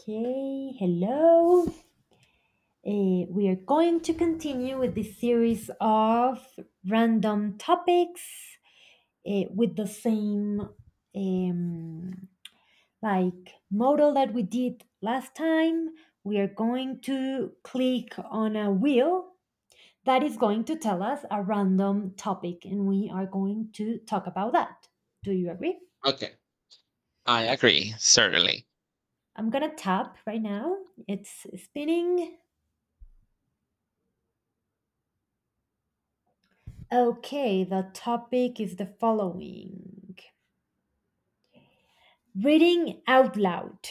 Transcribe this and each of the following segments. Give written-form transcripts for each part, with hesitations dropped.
Okay, hello. We are going to continue with this series of random topics with the same um, like model that we did last time. We are going to click on a wheel that is going to tell us a random topic, and we are going to talk about that. Do you agree? Okay, I Okay, agree, certainly. I'm gonna tap right now. It's spinning. Okay, the topic is the following: reading out loud,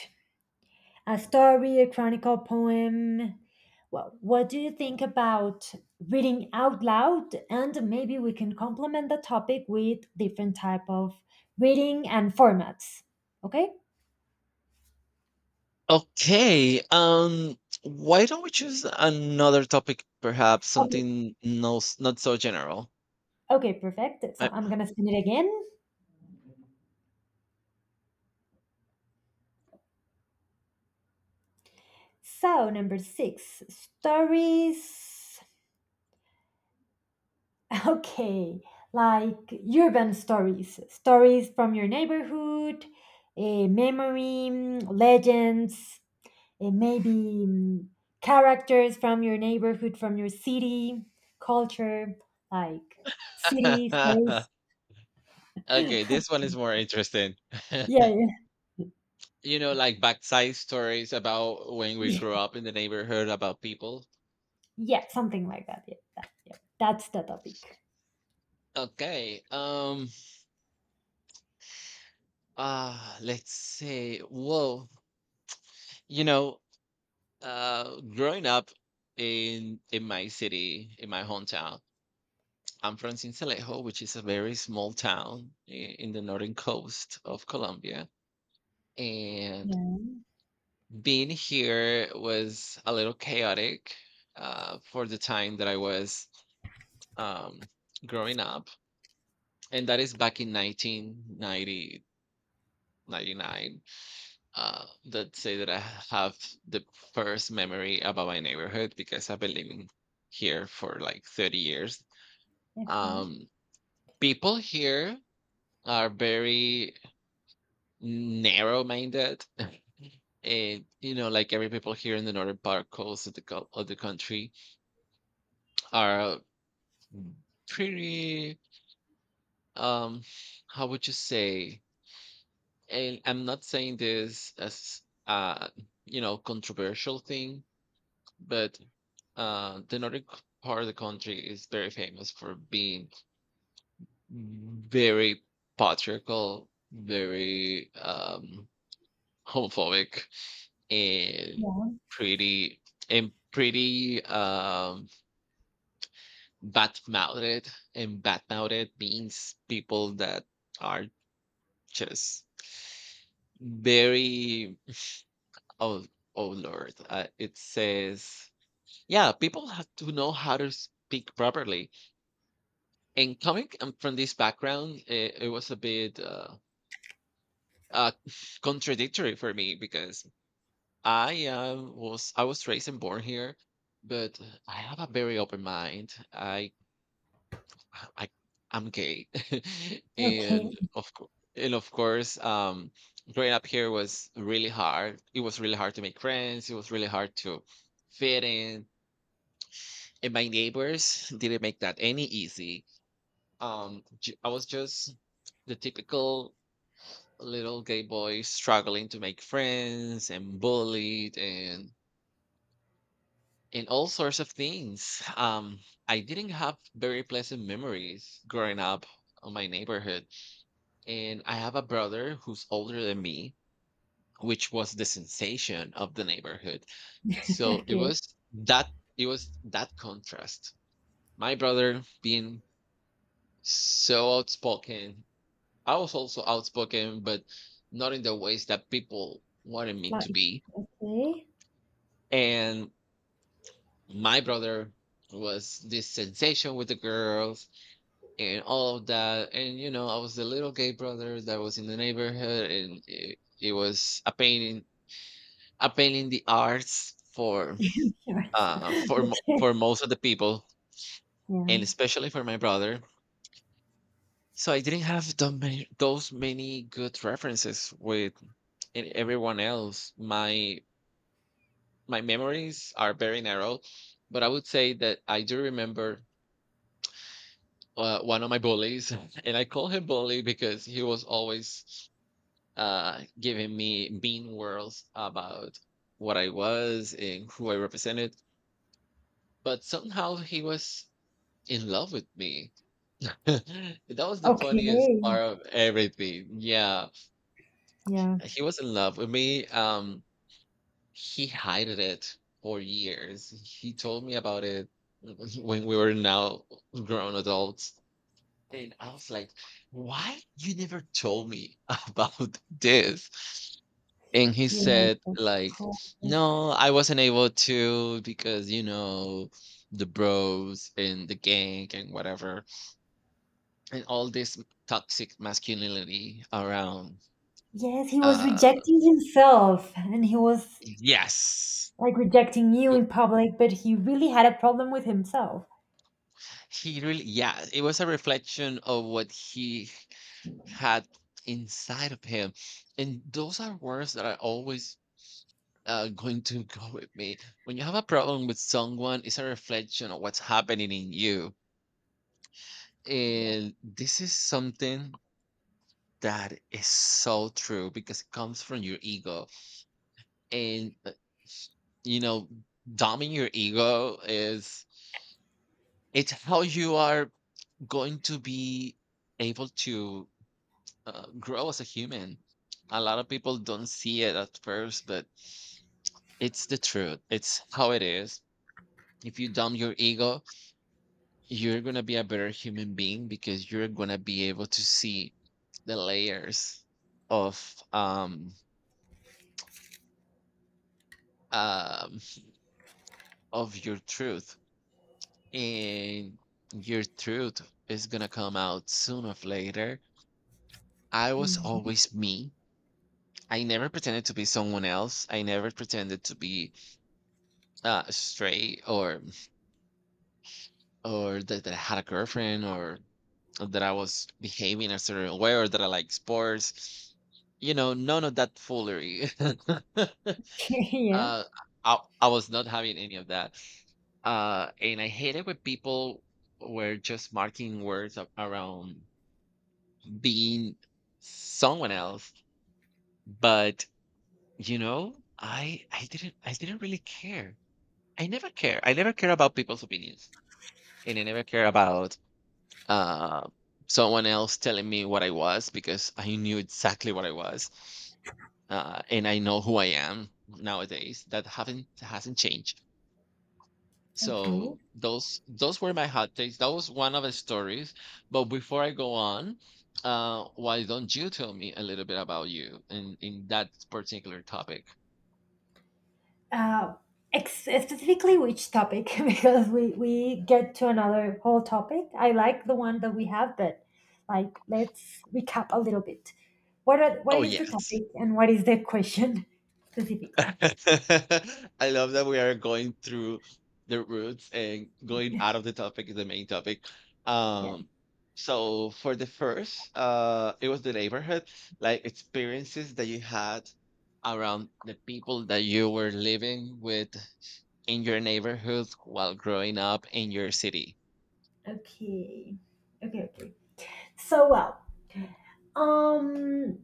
a story, a chronicle, poem. Well, what do you think about reading out loud? And maybe we can complement the topic with different type of reading and formats. Okay? Okay, why don't we choose another topic, perhaps Okay, something not so general? okay, perfect. So I- I'm gonna spin it again. So number six, stories. Okay, like urban stories, stories from your neighborhood, a memory, legends, maybe characters from your neighborhood, from your city, culture, like city stories. Yeah, Okay, this one is more interesting. yeah, You know, like backside stories about when we yeah, grew up in the neighborhood, about people. yeah, something like that. Yeah, that, yeah, that's the topic. Okay, let's say, whoa, you know, growing up in my city, in my hometown. I'm from Sincelejo, which is a very small town in the northern coast of Colombia. And Yeah. being here was a little chaotic for the time that I was um, growing up. And that is back in 1990. Let's say that I have the first memory about my neighborhood because I've been living here for like 30 years. Okay. Um, People here are very narrow minded, and like every people here in the northern part coast of of the country are pretty, um how would you say, and I'm not saying this as uh controversial thing, but the northern part of the country is very famous for being very patriarchal, very homophobic, and Yeah. pretty, and pretty um bad mouthed. And bad mouthed means people that are just very, oh, oh Lord, it says, yeah, people have to know how to speak properly. And coming, from this background, it was a bit uh contradictory for me, because I was raised and born here, but I have a very open mind. I I'm gay, Okay. and of course, and of course, um, growing up here was really hard. It was really hard to make friends. It was really hard to fit in, and my neighbors didn't make that any easy. I was just the typical little gay boy, struggling to make friends and bullied and in all sorts of things. I didn't have very pleasant memories growing up on my neighborhood. And I have a brother who's older than me, which was the sensation of the neighborhood. So it Okay. was that, contrast. My brother being so outspoken. I was also outspoken, but not in the ways that people wanted me to Like. be. Okay. And my brother was this sensation with the girls and all of that. And you know, I was the little gay brother that was in the neighborhood, and it was a pain in, the arts for Sure. Okay. for most of the people, Yeah. and especially for my brother. So I didn't have that many, those many good references with and everyone else. My memories are very narrow, but I would say that I do remember one of my bullies, and I call him bully because he was always giving me mean worlds about what I was and who I represented. But somehow he was in love with me. That was the funniest Okay. part of everything. Yeah, Yeah. he was in love with me. He hid it for years. He told me about it when we were now grown adults. And I was like, why you never told me about this? And he Yes, said of like, course. no, I wasn't able to because, you know, the bros and the gang and whatever, and all this toxic masculinity around, Yes, he was uh rejecting himself and he was yes. like rejecting you You- in public, but he really had a problem with himself. he really, yeah, it was a reflection of what he had inside of him. And those are words that are always going to go with me. When you have a problem with someone, it's a reflection of what's happening in you. And this is something that is so true, because it comes from your ego. And, you know, dumbing your ego is, it's how you are going to be able to grow as a human. A lot of people don't see it at first, but it's the truth. It's how it is. If you dumb your ego, you're going to be a better human being, because you're going to be able to see the layers of um um of your truth. And your truth is going to come out sooner or later. I was Yeah. always me. I never pretended to be someone else. I never pretended to be straight, or that, I had a girlfriend, or that I was behaving a certain way, or that I like sports. You know, none of that foolery. Yeah. I, I was not having any of that. And I hate it when people were just marking words around being someone else. But you know, I didn't really care. I never care. I never care about people's opinions, and I never care about, uh, someone else telling me what I was, because I knew exactly what I was, and I know who I am nowadays. That haven't hasn't changed. Okay. So those were my hot takes. That was one of the stories. But before I go on, why don't you tell me a little bit about you in that particular topic? Uh, specifically, which topic? Because we get to another whole topic. I like the one that we have, but like let's recap a little bit. What Oh is the yes. topic and what is the question specifically? I love that we are going through the roots and going out of the topic, the main topic. Yeah. Um, so for the first, it was the neighborhood, like experiences that you had around the people that you were living with in your neighborhood while growing up in your city. Okay. Okay. Okay. So, well. Um,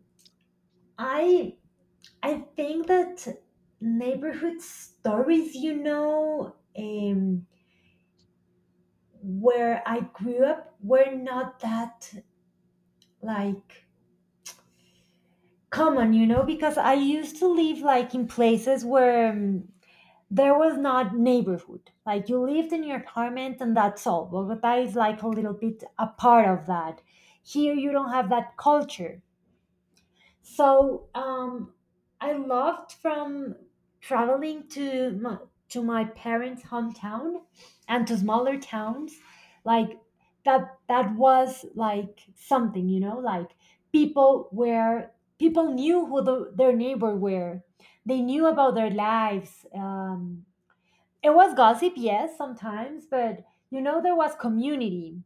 I I think that neighborhood stories, you know, where I grew up were not that like common, you know, because I used to live like in places where there was not neighborhood. Like, you lived in your apartment and that's all. Bogota is like a little bit a part of that. Here you don't have that culture. So I loved from traveling to to my parents' hometown and to smaller towns, like that. That was like something, you know, like people where people knew who their neighbor were. They knew about their lives. It was gossip, yes, sometimes, but you know, there was community.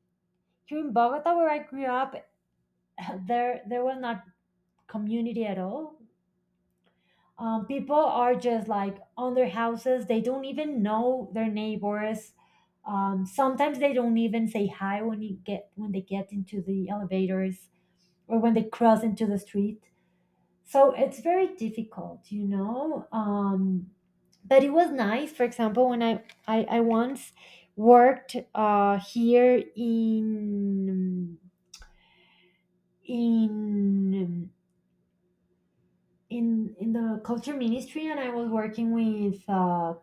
Here in Bogota, where I grew up, there was not community at all. People are just like on their houses, they don't even know their neighbors. Sometimes they don't even say hi when you get when they get into the elevators, or when they cross into the street. So it's very difficult, you know. But it was nice, for example, when I once worked here in in in the culture ministry, and I was working with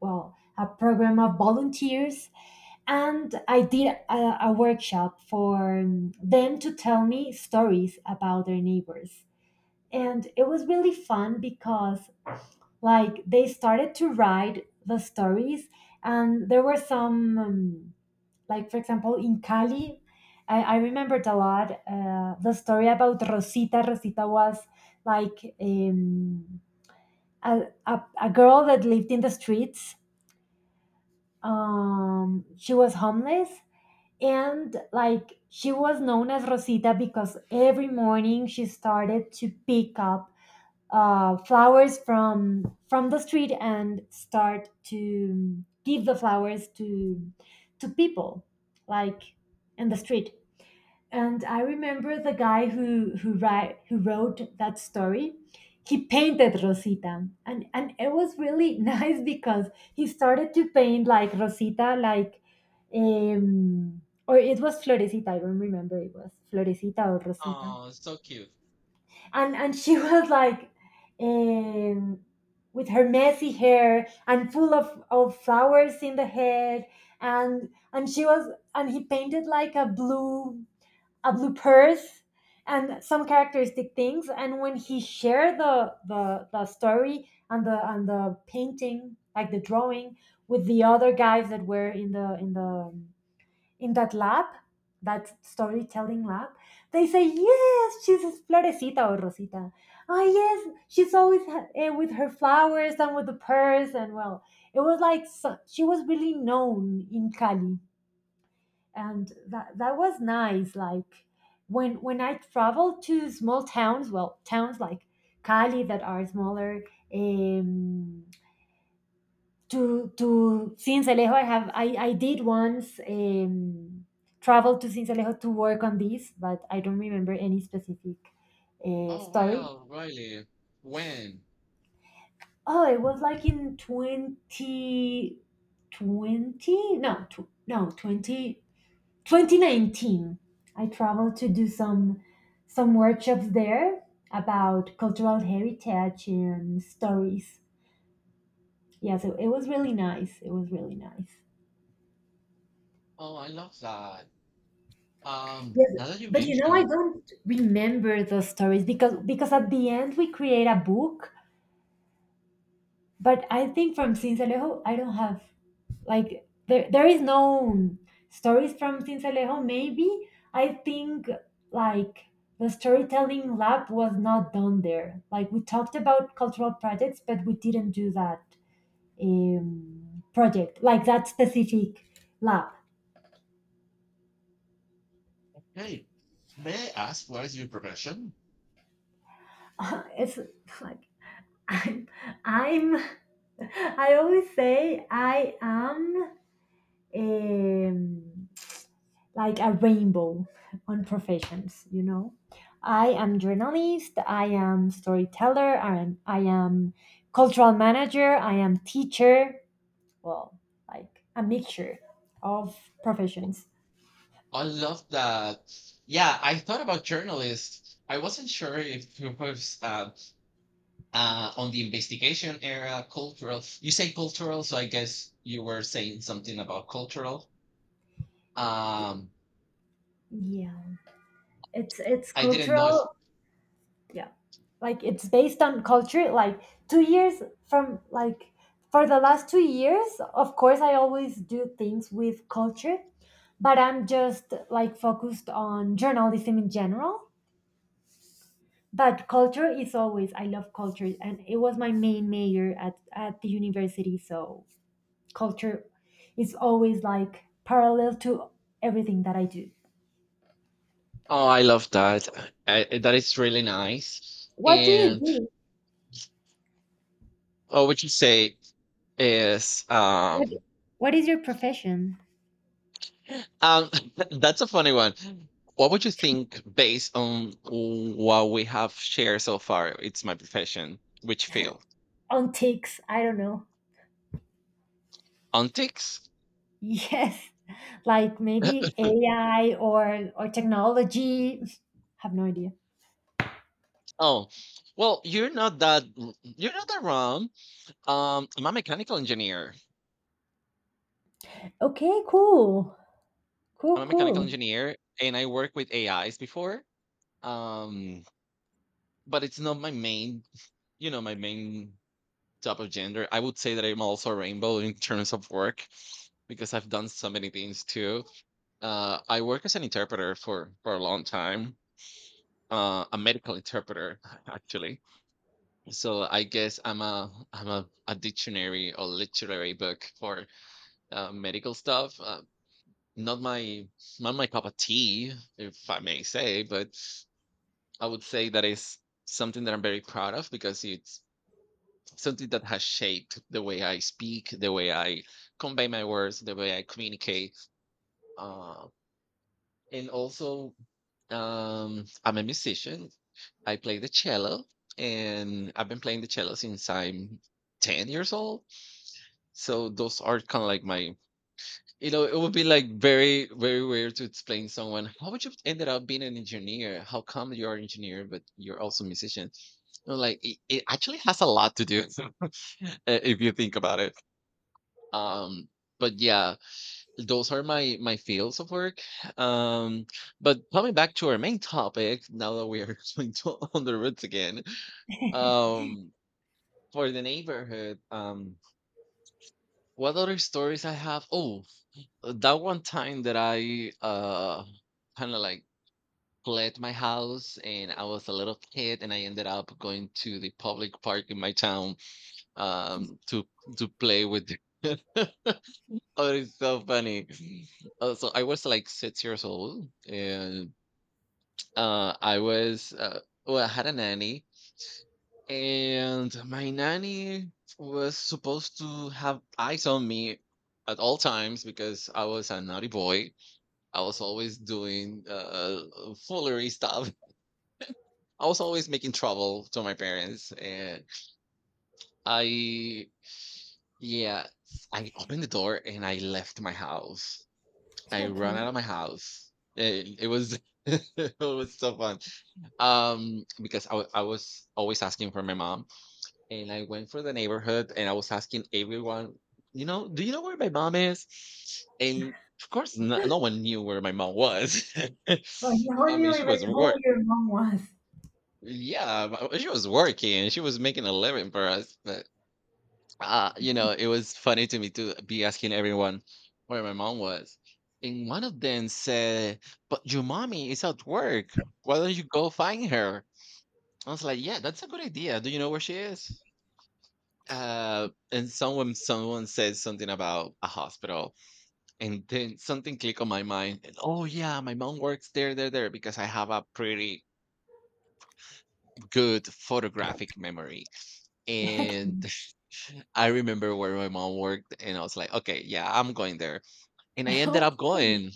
well, a program of volunteers. And I did a workshop for them to tell me stories about their neighbors. And it was really fun because like they started to write the stories, and there were some like, for example, in Cali, I remembered a lot the story about Rosita. Rosita was like a, a girl that lived in the streets. She was homeless, and like, she was known as Rosita because every morning she started to pick up flowers from the street and start to give the flowers to people, like, in the street. And I remember the guy who who wrote that story. He painted Rosita, and it was really nice because he started to paint like Rosita, like or it was Florecita. I don't remember, it was Florecita or Rosita, Oh, so cute. and she was like. Um, with her messy hair and full of flowers in the head, and she was, and he painted like a blue purse, and some characteristic things. And when he shared the story and the painting, like the drawing with the other guys that were in the in the in that lab, that storytelling lab, they say, yes, she's a Florecita or Rosita. Ah, yes, she's always with her flowers and with the purse. And, well, it was like, so, she was really known in Cali. And that was nice. Like, when I travel to small towns, well, towns like Cali that are smaller, um to Sincelejo. I have, I did once travel to Sincelejo to work on this, but I don't remember any specific Oh, story. well, really? When? Oh, it was like in twenty twenty no tw- no 20, 2019. I traveled to do some workshops there about cultural heritage and stories. Yeah, so it was really nice, it was really nice. Oh, I love that. Yes, Now that you but you know, I mention. don't remember those stories, because at the end we create a book. But I think from Sincelejo I don't have, like, there is no stories from Cincelejo. Maybe, I think, like, the storytelling lab was not done there. Like, we talked about cultural projects, but we didn't do that project, like that specific lab. Hey, may I ask what is your profession? It's like I'm, I'm I always say I am. Um, like a rainbow on professions, you know. I am journalist, I am storyteller, I am cultural manager, I am teacher. Well, like a mixture of professions. I love that. Yeah, I thought about journalist. I wasn't sure if it was on the investigation era, cultural. You say cultural, so I guess you were saying something about cultural. Um, Yeah, it's I didn't know. If, cultural. Yeah, like it's based on culture. Like, 2 years from, like, for the last 2 years, of course, I always do things with culture. But I'm just like focused on journalism in general. But culture is always, I love culture and it was my main major at the university. So culture is always like parallel to everything that I do. oh, I love that. That is really nice. What do you And do? oh, what you say is what, what is your profession? Um, that's a funny one. What would you think based on what we have shared so far? It's my profession. Which field? On ticks, I don't know. Antics? Yes, like maybe AI or technology. Have no idea. Oh, well, you're not that wrong. I'm a mechanical engineer. Okay, cool. I'm Cool, a mechanical cool. engineer, and I work with AIs before. Um, but it's not my main, you know, my main type of gender. I would say that I'm also a rainbow in terms of work, because I've done so many things too. I work as an interpreter for a long time. A medical interpreter, actually. So I guess I'm a dictionary or literary book for medical stuff. Not my not my cup of tea, if I may say, but I would say that is something that I'm very proud of, because it's something that has shaped the way I speak, the way I convey my words, the way I communicate, uh, and also I'm a musician. I play the cello, and I've been playing the cello since I'm 10 years old. So those are kind of like my, it would be like very, very weird to explain to someone, how would you ended up being an engineer? How come you're an engineer but you're also a musician? No, like it actually has a lot to do uh, if you think about it. Um, but yeah, those are my fields of work, um but coming back to our main topic, now that we are going to on the roots again, um for the neighborhood, what other stories I have. Oh, that one time that I kind of like fled my house, and I was a little kid, and I ended up going to the public park in my town, um to to play with the- oh, it's so funny. So I was like 6 years old, and I was, well, I had a nanny, and my nanny was supposed to have eyes on me at all times, because I was a naughty boy. I was always doing foolery stuff. I was always making trouble to my parents, and I, yeah, I opened the door and I left my house. I ran out Okay, of my house. It was it was so fun, because I was always asking for my mom, and I went for the neighborhood and I was asking everyone, you know, do you know where my mom is? And of course, no, no one knew where my mom was. like, now I I mean, knew she even was who work. your mom was. Yeah, but she was working. She was making a living for us. But you know, it was funny to me to be asking everyone where my mom was. And one of them said, "But your mommy is at work. Why don't you go find her?" I was like, "Yeah, that's a good idea. "Do you know where she is?" And someone said something about a hospital, and then something clicked on my mind, and oh yeah, my mom works there, there, there, because I have a pretty good photographic memory. And Okay. I remember where my mom worked, and I was like, okay, yeah, I'm going there. And I ended up Okay. going.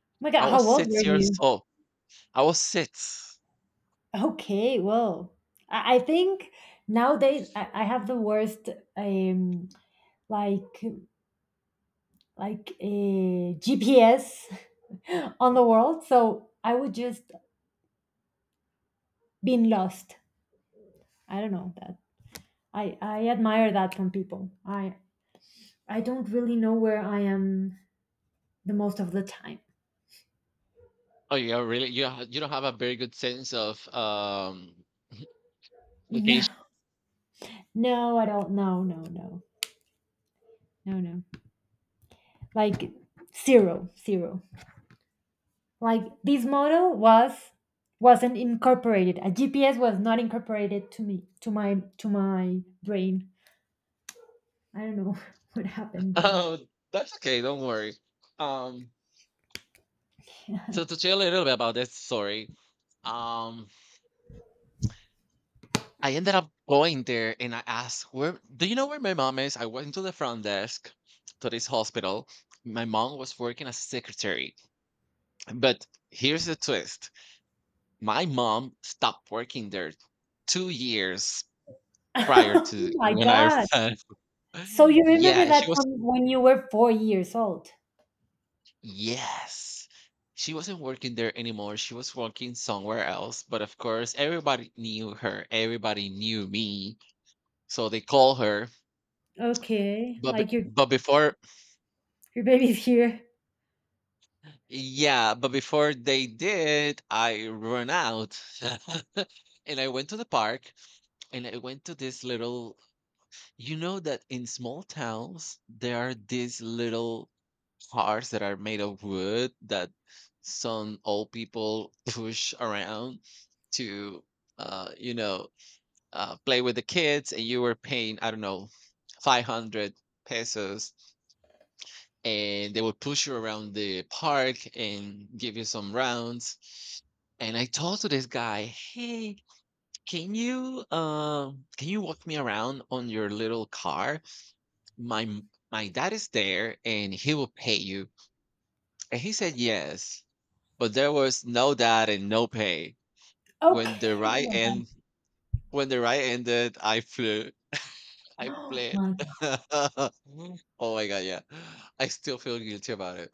Oh my God, I how was old were 6 years you? old. I was six. Okay, well, I think nowadays I have the worst um like like a GPS on the world, so I would just been lost. I don't know that. I admire that from people. I don't really know where I am the most of the time. Oh yeah, really? You don't have a very good sense of location. No, no, I don't. No, no, no, no, no. Like, zero, zero. Like, this model wasn't incorporated. A GPS was not incorporated to me, to my brain. I don't know what happened there. Oh, that's okay. Don't worry. Um, So to tell you a little bit about this story, um, I ended up going there and I asked, "Where do you know where my mom is?" I went to the front desk to this hospital. My mom was working as secretary, but here's the twist: my mom stopped working there 2 years prior Oh to my when I god. arrived. So you remember Yeah, that she was. from when you were 4 years old. Yes. She wasn't working there anymore. She was working somewhere else. But of course, everybody knew her. Everybody knew me. So they call her, Okay, but like, but before, your baby's here. yeah, but before they did, I run out. And I went to the park and I went to this little, you know, that in small towns there are these little cars that are made of wood that some old people push around to uh you know play with the kids, and you were paying, I don't know, 500 pesos, and they would push you around the park and give you some rounds. And I told to this guy, "Hey, can you walk me around on your little car? My dad is there, and he will pay you." And he said yes, but there was no dad and no pay. Okay. When the ride end, when the ride ended, I flew. I Oh fled. my god. Oh my God, yeah. I still feel guilty about.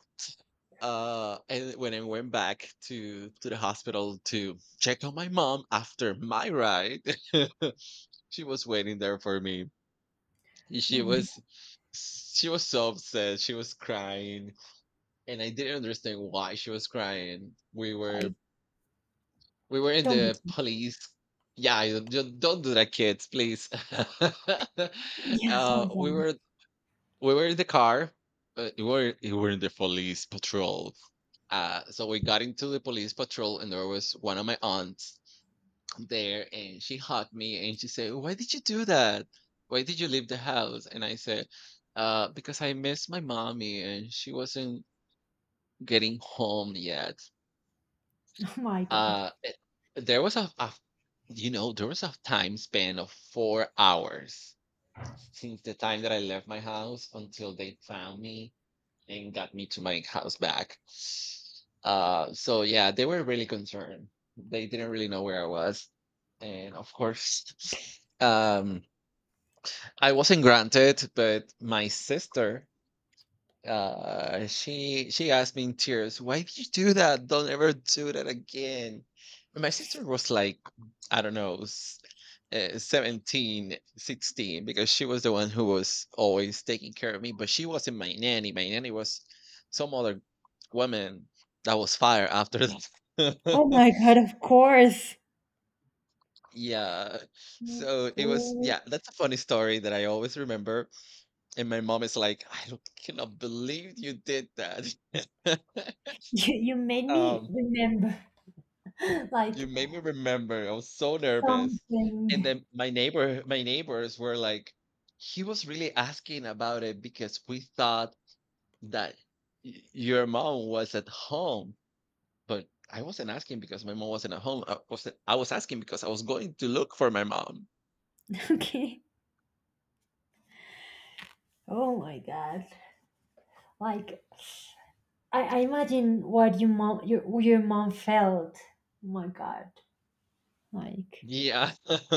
And when I went back to the hospital to check on my mom after my ride, she was waiting there for me. Oh She my god. Oh my was she was so upset. She was crying, and I didn't understand why she was crying. We god. Like, were we were in don't be the cute. police. Yeah, don't do that, kids, please. Yeah, oh uh, my we god. were we were in the car. We were in the police patrol. So we got into the police patrol, and there was one of my aunts there, and she hugged me, and she said, "Why did you do that? Why did you leave the house?" And I said, "Because I miss my mommy, and she wasn't getting home yet." Oh my god. Uh, it- there was a, a, there was a time span of 4 hours since the time that I left my house until they found me and got me to my house back. So yeah, they were really concerned. They didn't really know where I was, and of course, I wasn't granted. But my sister, she asked me in tears, "Why did you do that? Don't ever do that again." And my sister was like, I don't know, 17, 16, because she was the one who was always taking care of me, but she wasn't my nanny. My nanny was some other woman that was fired after that. Oh my god, of course. Yeah. Of So it was, course. yeah, that's a funny story that I always remember. And my mom is like, I don't- cannot believe you did that. You made me Um, remember. you Like made me remember. I was so nervous. something. And then my neighbors were like, he was really asking about it because we thought that your mom was at home. But I wasn't asking because my mom wasn't at home. I was asking because I was going to look for my mom. Okay. Oh my god! Like, I imagine what your mom, your mom felt. Oh my god! Like, Yeah.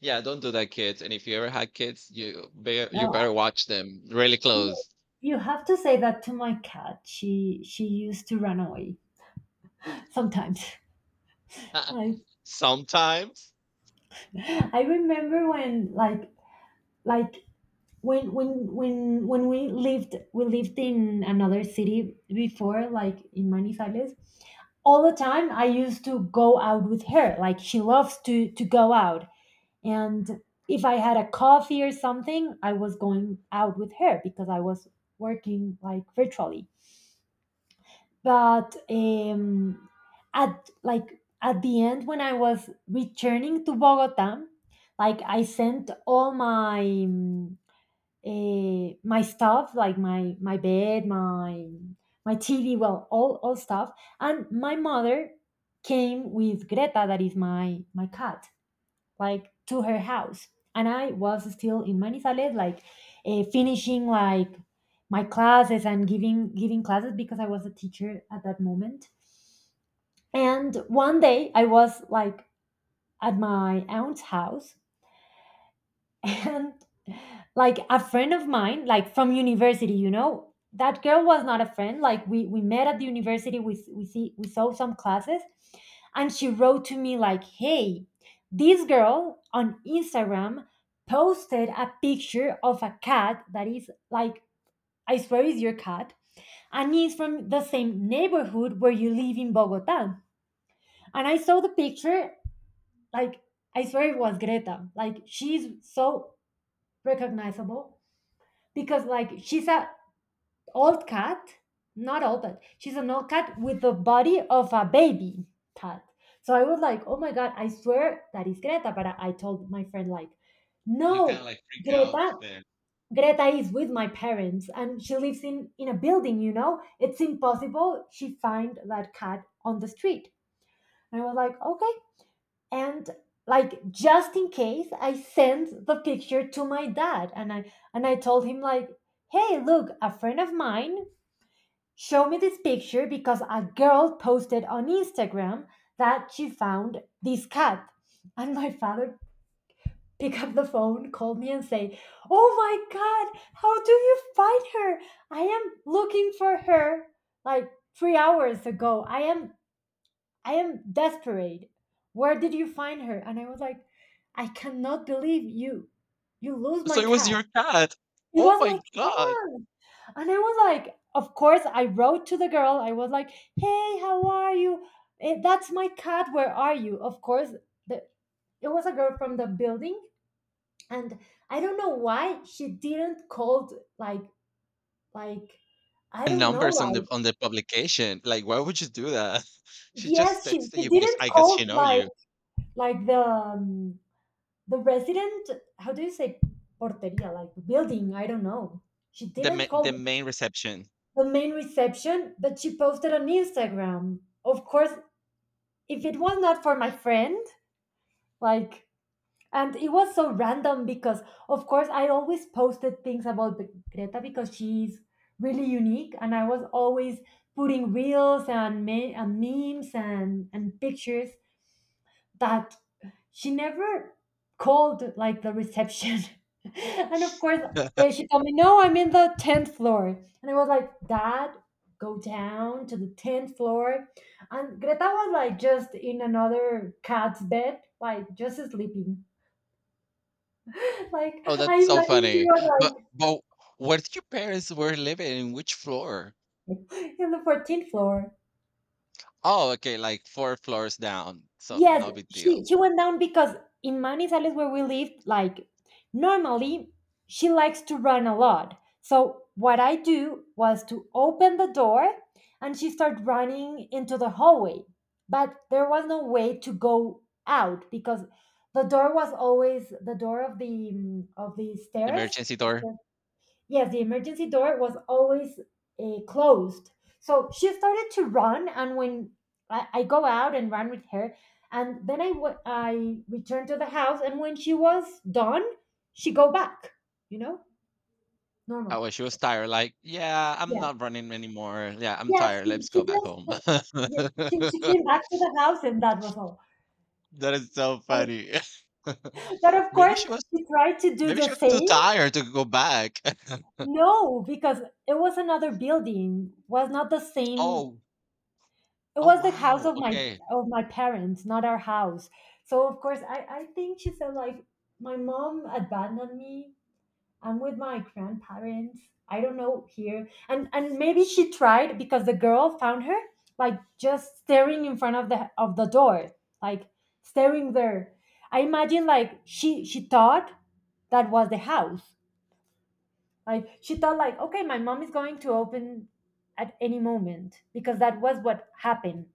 Yeah, don't do that, kids. And if you ever had kids, you better you no, better watch them really you close. you have to say that to my cat. She used to run away sometimes. Like, Sometimes I remember when, like, when we lived in another city before, like in Manizales. All the time I used to go out with her, like, she loves to go out. And if I had a coffee or something, I was going out with her because I was working like virtually. But at, like, at the end when I was returning to Bogota, like, I sent all my my stuff, like my bed, my TV, well, all stuff. And my mother came with Greta, that is my cat, like, to her house. And I was still in Manizales, like, finishing like my classes and giving classes, because I was a teacher at that moment. And one day I was like at my aunt's house. And, like, a friend of mine, like from university, you know, that girl was not a friend, like, we met at the university, we s- we see we saw some classes. And she wrote to me like, hey, this girl on Instagram posted a picture of a cat that is like, I swear, is your cat. And is from the same neighborhood where you live in Bogota. And I saw the picture, like, I swear it was Greta. Like, she's so recognizable, because, like, she's a old cat, not old, but she's an old cat with the body of a baby cat. So I was like, oh my god, I swear that is Greta. But I told my friend like, you kind of no. like freak out greta there. Greta is with my parents, and she lives in a building, you know, it's impossible she find that cat on the street. And I was like, okay. And, like, just in case, I sent the picture to my dad, and I told him like, hey, look, a friend of mine showed me this picture because a girl posted on Instagram that she found this Cat. And my father picked up the phone, called me and say, oh my god, how do you find her? I am looking for her like 3 hours ago. I am desperate. Where did you find her? And I was like, I cannot believe you. You lose my So it was cat. your cat. It Oh was my my God. cat. And I was like, of course, I wrote to the girl. I was like, hey, how are you? That's my cat. Where are you? Of course, the, it was a girl from the building. And I don't know why she didn't called, like, I And don't know, numbers on the on the publication. Like, why would you do that? She just yes, texted she you because didn't I guess call, she know you. like the resident, how do you say, porteria, like, building, I don't know, she The ma- didn't call the main reception. the main reception. But she posted on Instagram. Of course, if it was not for my friend, like, and it was so random because of course I always posted things about the Greta because she's really unique, and I was always putting reels and, and memes and pictures that she never called like the reception. And of course, yeah, she told me, no, I'm in the 10th floor. And I was like, dad, go down to the 10th floor. And Greta was like just in another cat's bed, like just sleeping. Like, Oh, I that's so imagine she funny. was But like but where did your parents were living? In which floor? in the 14th floor. Oh, okay, like 4 floors down. So Yes, no big deal. she went down because in Manizales where we lived, like, normally she likes to run a lot. So what I do was to open the door, and she started running into the hallway. But there was no way to go out because the door was always, the door of the of the stairs. Emergency door. Yes, the emergency door was always closed. So she started to run, and when I go out and run with her, and then I returned to the house, and when she was done, she go back. You know, Oh, normal. well, she was tired. Like, yeah, I'm Yeah, not running anymore. Yeah, I'm yes, tired. Let's she go back home. just, yeah, she came back to the house, and that was all. That is so But, funny. but of Maybe course, she was she tried to do maybe the she was too same. tired to go back. No, because it was another building, was not the same. Oh, It oh was the house wow, of my, okay. of my parents, not our house. So of course, I think she said like, my mom abandoned me. I'm with my grandparents. I don't know here, and maybe she tried because the girl found her like just staring in front of the, of the door, like staring there. I imagine like she thought that was the house. Like she thought like, okay, my mom is going to open at any moment, because that was what happened.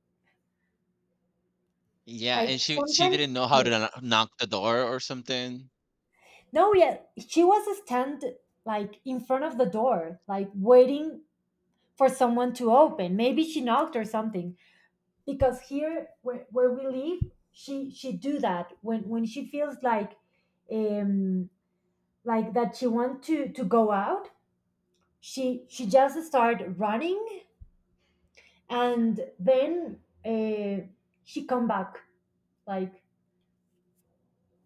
Yeah, and Like she sometimes, didn't know how yeah. to knock the door or something. No, yeah, she was stand like in front of the door, like waiting for someone to open. Maybe she knocked or something. Because here, where we live, she do that when she feels like, um, like, that she want to go out. She just start running, and then she come back. Like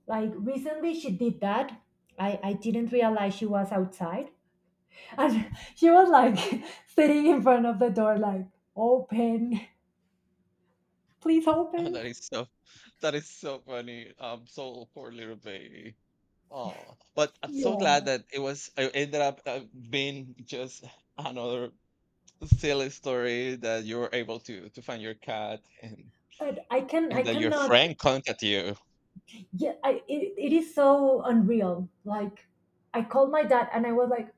like recently she did that. I didn't realize she was outside. And he was like sitting in front of the door, like, open, please Oh, open. That is so funny. So poor little baby. Oh, but I'm so Yeah. glad that it ended up being just another silly story that you were able to find your cat But I can, I and that your cannot, friend contacted you. yeah, it, it is so unreal. Like, I called my dad and I was like,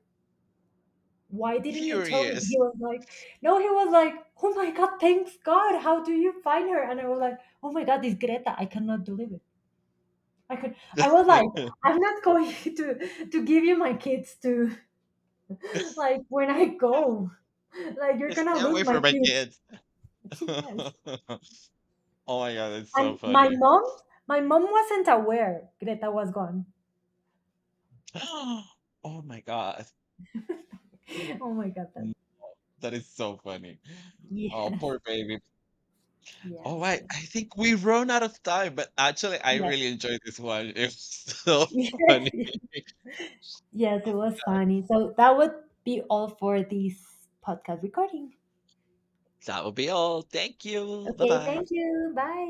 why didn't you tell me? Furious. He was like, no, he was like, oh my God, thanks God, how do you find her? And I was like, oh my God, this Greta, I cannot believe it. I could, I was like, I'm not going to give you my kids to, like, when I go, like, you're gonna Stay lose away my from my kids. kids. Yes. Oh my God, that's so And funny. My mom wasn't aware Greta was gone. Oh my God, Oh my God, that- mm, that is so funny. Oh, Yes. poor baby. Yeah, All right, yeah. I think we run out of time, but actually, I Yes. really enjoyed this one. It was so Yes. funny. Yes. Yes, it was funny. So that would be all for this podcast recording. That will be all. Thank you. Bye Okay. bye. Thank you. Bye.